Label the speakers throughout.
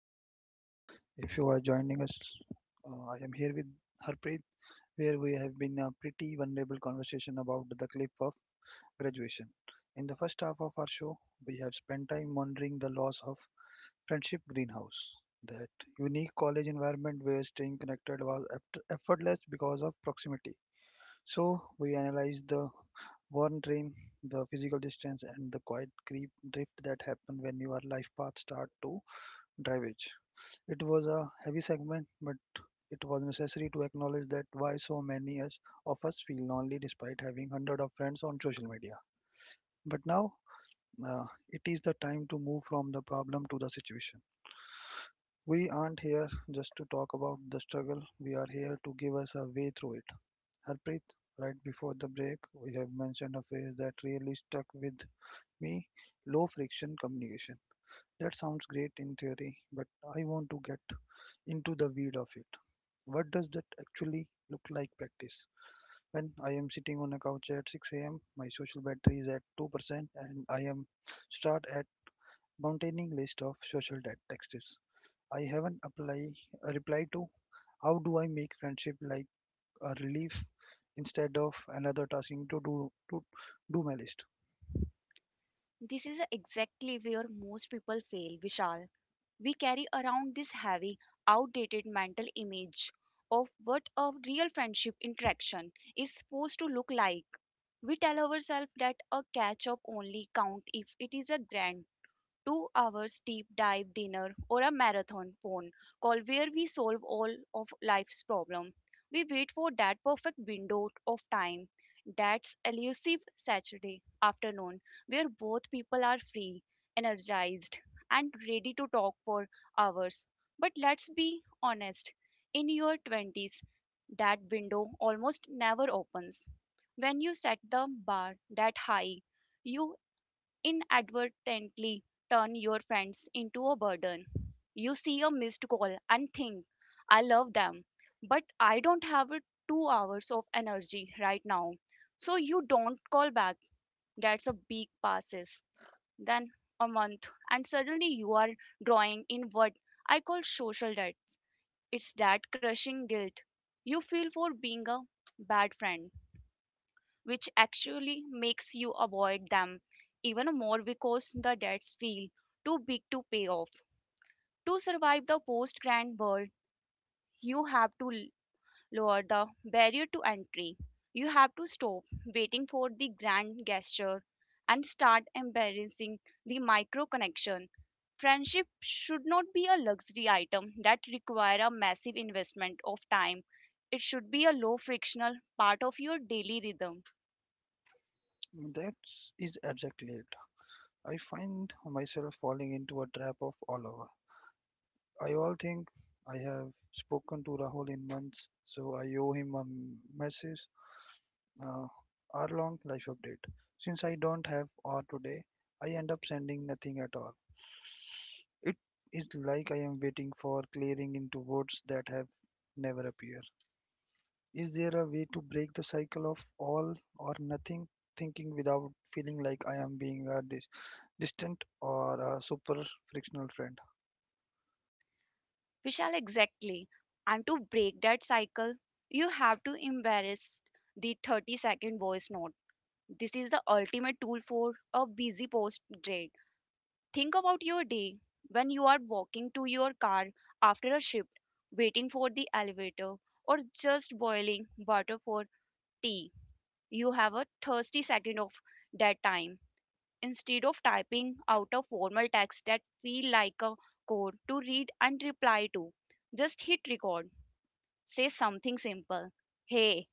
Speaker 1: Survival Guide. If you are joining us, I am here with Harpreet, where we have been a pretty vulnerable conversation about the cliff of graduation. In the first half of our show, we have spent time monitoring the loss of Friendship Greenhouse, that unique college environment where staying connected was effortless because of proximity. So we analyze the worn dream, the physical distance, and the quiet creep drift that happen when your life path start to diverge. It was a heavy segment, but it was necessary to acknowledge that why so of us feel lonely despite having hundred of friends on social media. But now it is the time to move from the problem to the situation. We aren't here just to talk about the struggle. We are here to give us a way through it. Harpreet, right before the break, we have mentioned a phrase that really stuck with me, low friction communication. That sounds great in theory, but I want to get into the weed of it. What does that actually look like practice? When I am sitting on a couch at 6 a.m., my social battery is at 2%, and I am start at mountaining list of social debt texts. I haven't apply a reply to how do I make friendship like a relief instead of another tasking to do my list.
Speaker 2: This is exactly where most people fail, Vishal. We carry around this heavy, outdated mental image of what a real friendship interaction is supposed to look like. We tell ourselves that a catch up only count if it is a grand 2 hours deep dive dinner or a marathon phone call where we solve all of life's problem. We wait for that perfect window of time, that's elusive saturday afternoon where both people are free, energized, and ready to talk for hours. But let's be honest, in your 20s that window almost never opens. When you set the bar that high, you inadvertently turn your friends into a burden. You see a missed call and think, I love them, but I don't have a 2 hours of energy right now. So you don't call back. That's a week passes, then a month, and suddenly you are drawing in what I call social debts. It's that crushing guilt you feel for being a bad friend, which actually makes you avoid them even more because the debts feel too big to pay off. To survive the post grant world, you have to lower the barrier to entry. You have to stop waiting for the grand gesture and start embracing the micro connection. Friendship should not be a luxury item that require a massive investment of time. It should be a low frictional part of your daily rhythm.
Speaker 1: That is exactly it. I find myself falling into a trap of all over. I all think I have spoken to Rahul in months, so I owe him a message, uh, hour-long life update. Since I don't have hour today, I end up sending nothing at all. It is like I am waiting for clearing into words that have never appeared. Is there a way to break the cycle of all or nothing thinking without feeling like I am being a distant or a super frictional friend?
Speaker 2: Vishal, exactly. And to break that cycle, you have to embrace the 30-second voice note. This is the ultimate tool for a busy post grad. Think about your day when you are walking to your car after a shift, waiting for the elevator, or just boiling water for tea. You have a 30 second of that time. Instead of typing out a formal text that feel like a code to read and reply to, just hit record. Say something simple. Hey,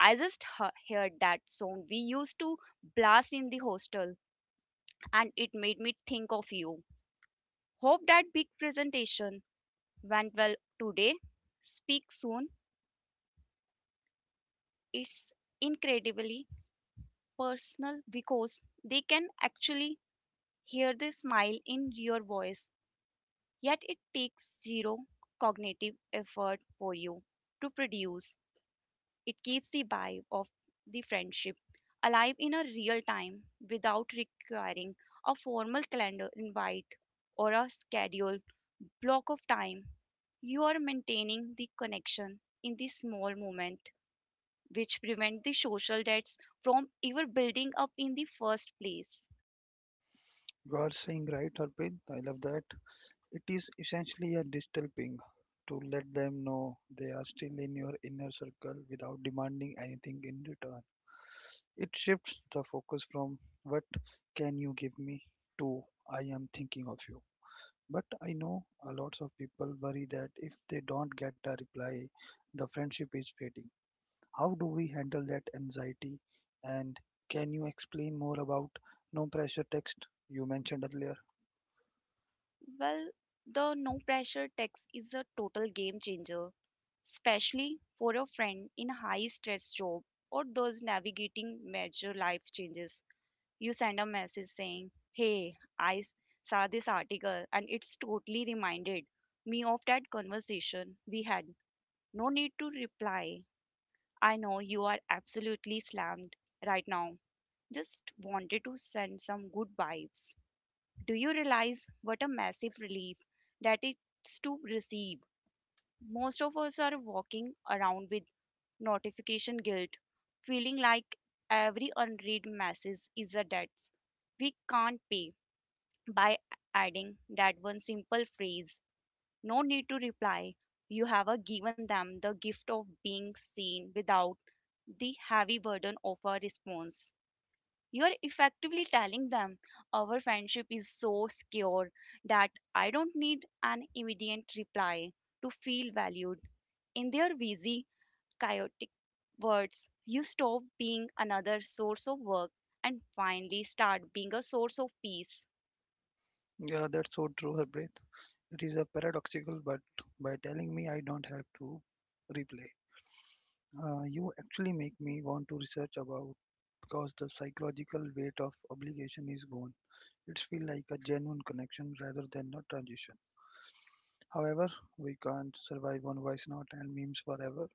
Speaker 2: I just heard that song we used to blast in the hostel and it made me think of you. Hope that big presentation went well today. Speak soon. It's incredibly personal because they can actually hear the smile in your voice, yet it takes zero cognitive effort for you to produce. It keeps the vibe of the friendship alive in a real time without requiring a formal calendar invite or a scheduled block of time. You are maintaining the connection in the small moment, which prevent the social debts from ever building up in the first place.
Speaker 1: You are saying right, Harpreet. I love that. It is essentially a digital ping to let them know they are still in your inner circle without demanding anything in return. It shifts the focus from what can you give me to I am thinking of you. But I know a lots of people worry that if they don't get a reply, the friendship is fading. How do we handle that anxiety? And can you explain more about no pressure text you mentioned earlier?
Speaker 2: Well, the no pressure text is a total game changer, especially for a friend in a high stress job or those navigating major life changes. You send a message saying, Hey, I saw this article and it's totally reminded me of that conversation we had. No need to reply. I know you are absolutely slammed right now. Just wanted to send some good vibes. Do you realize what a massive relief that it's to receive? Most of us are walking around with notification guilt, feeling like every unread message is a debt we can't pay. By adding that one simple phrase, no need to reply, you have given them the gift of being seen without the heavy burden of a response. You're effectively telling them our friendship is so secure that I don't need an immediate reply to feel valued. In their busy, chaotic words, you stop being another source of work and finally start being a source of peace.
Speaker 1: Yeah, that's so true, Harbreath. It is a paradoxical, but by telling me I don't have to replay, you actually make me want to research about because the psychological weight of obligation is gone. It feels like a genuine connection rather than a transition. However, we can't survive on voice note and memes forever.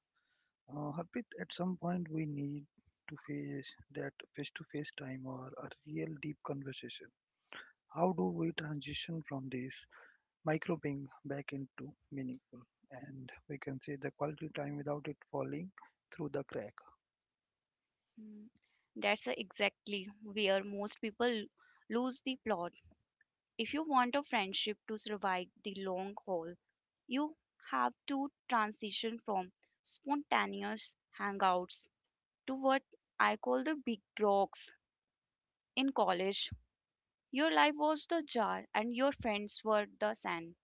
Speaker 1: Harpreet, at some point we need to face that face-to-face time or a real deep conversation. How do we transition from this micro ping back into meaningful? And we can say the quality time without it falling through the crack.
Speaker 2: Mm, that's exactly where most people lose the plot. If you want a friendship to survive the long haul, you have to transition from spontaneous hangouts to what I call the big rocks. In college, your life was the jar and your friends were the sand.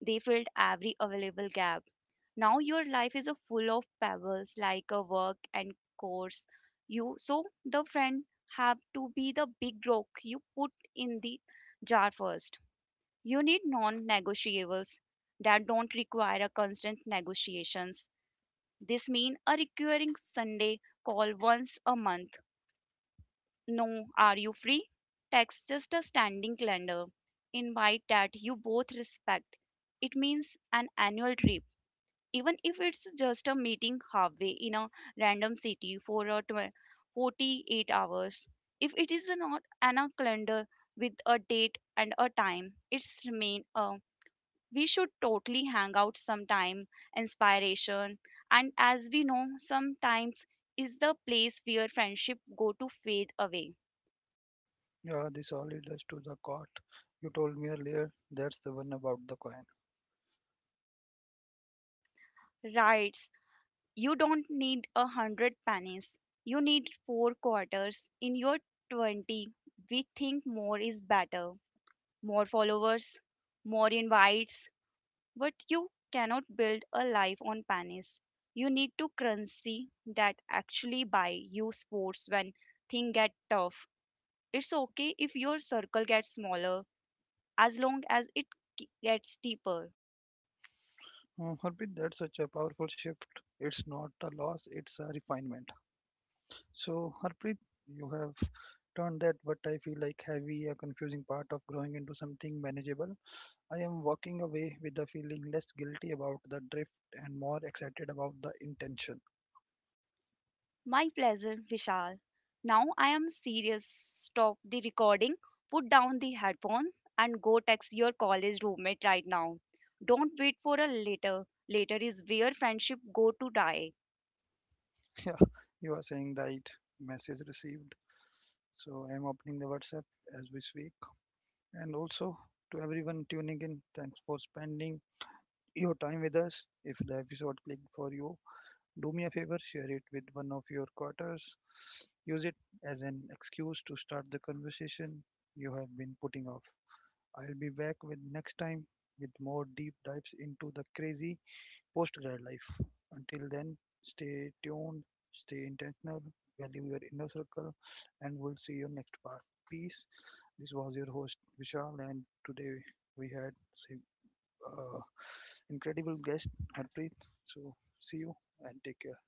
Speaker 2: They filled every available gap. Now your life is a full of pebbles like a work and course. You so the friend have to be the big rock you put in the jar first. You need non negotiables that don't require a constant negotiations. This means a recurring Sunday call once a month. No, are you free? Text just a standing calendar. Invite that you both respect. It means an annual trip, even if it's just a meeting halfway in a random city for a 48 hours. If it is not an a calendar with a date and a time, it's remain a we should totally hang out sometime inspiration, and as we know, sometimes is the place where friendship go to fade away.
Speaker 1: Yeah, this all leads us to the quote you told me earlier. That's the one about the coin.
Speaker 2: Writes you don't need 100 pennies, you need four quarters. In your 20 we think more is better, more followers, more invites, but you cannot build a life on pennies. You need to currency that actually buy you sports when things get tough. It's okay if your circle gets smaller as long as it gets deeper.
Speaker 1: Harpreet, that's such a powerful shift. It's not a loss, it's a refinement. So, Harpreet, you have turned that what I feel like heavy, a confusing part of growing into something manageable. I am walking away with the feeling less guilty about the drift and more excited about the intention.
Speaker 2: My pleasure, Vishal. Now I am serious. Stop the recording, put down the headphones, and go text your college roommate right now. Don't wait for a later. Later is where friendship go to die.
Speaker 1: Yeah, you are saying right. Message received. So, I am opening the WhatsApp as we speak. And also, to everyone tuning in, thanks for spending your time with us. If the episode clicked for you, do me a favor, share it with one of your quarters. Use it as an excuse to start the conversation you have been putting off. I'll be back with next time with more deep dives into the crazy post-grad life. Until then, stay tuned, stay intentional, value your inner circle, and we'll see you next part. Peace. This was your host Vishal, and today we had an uh, incredible guest Harpreet. So see you and take care.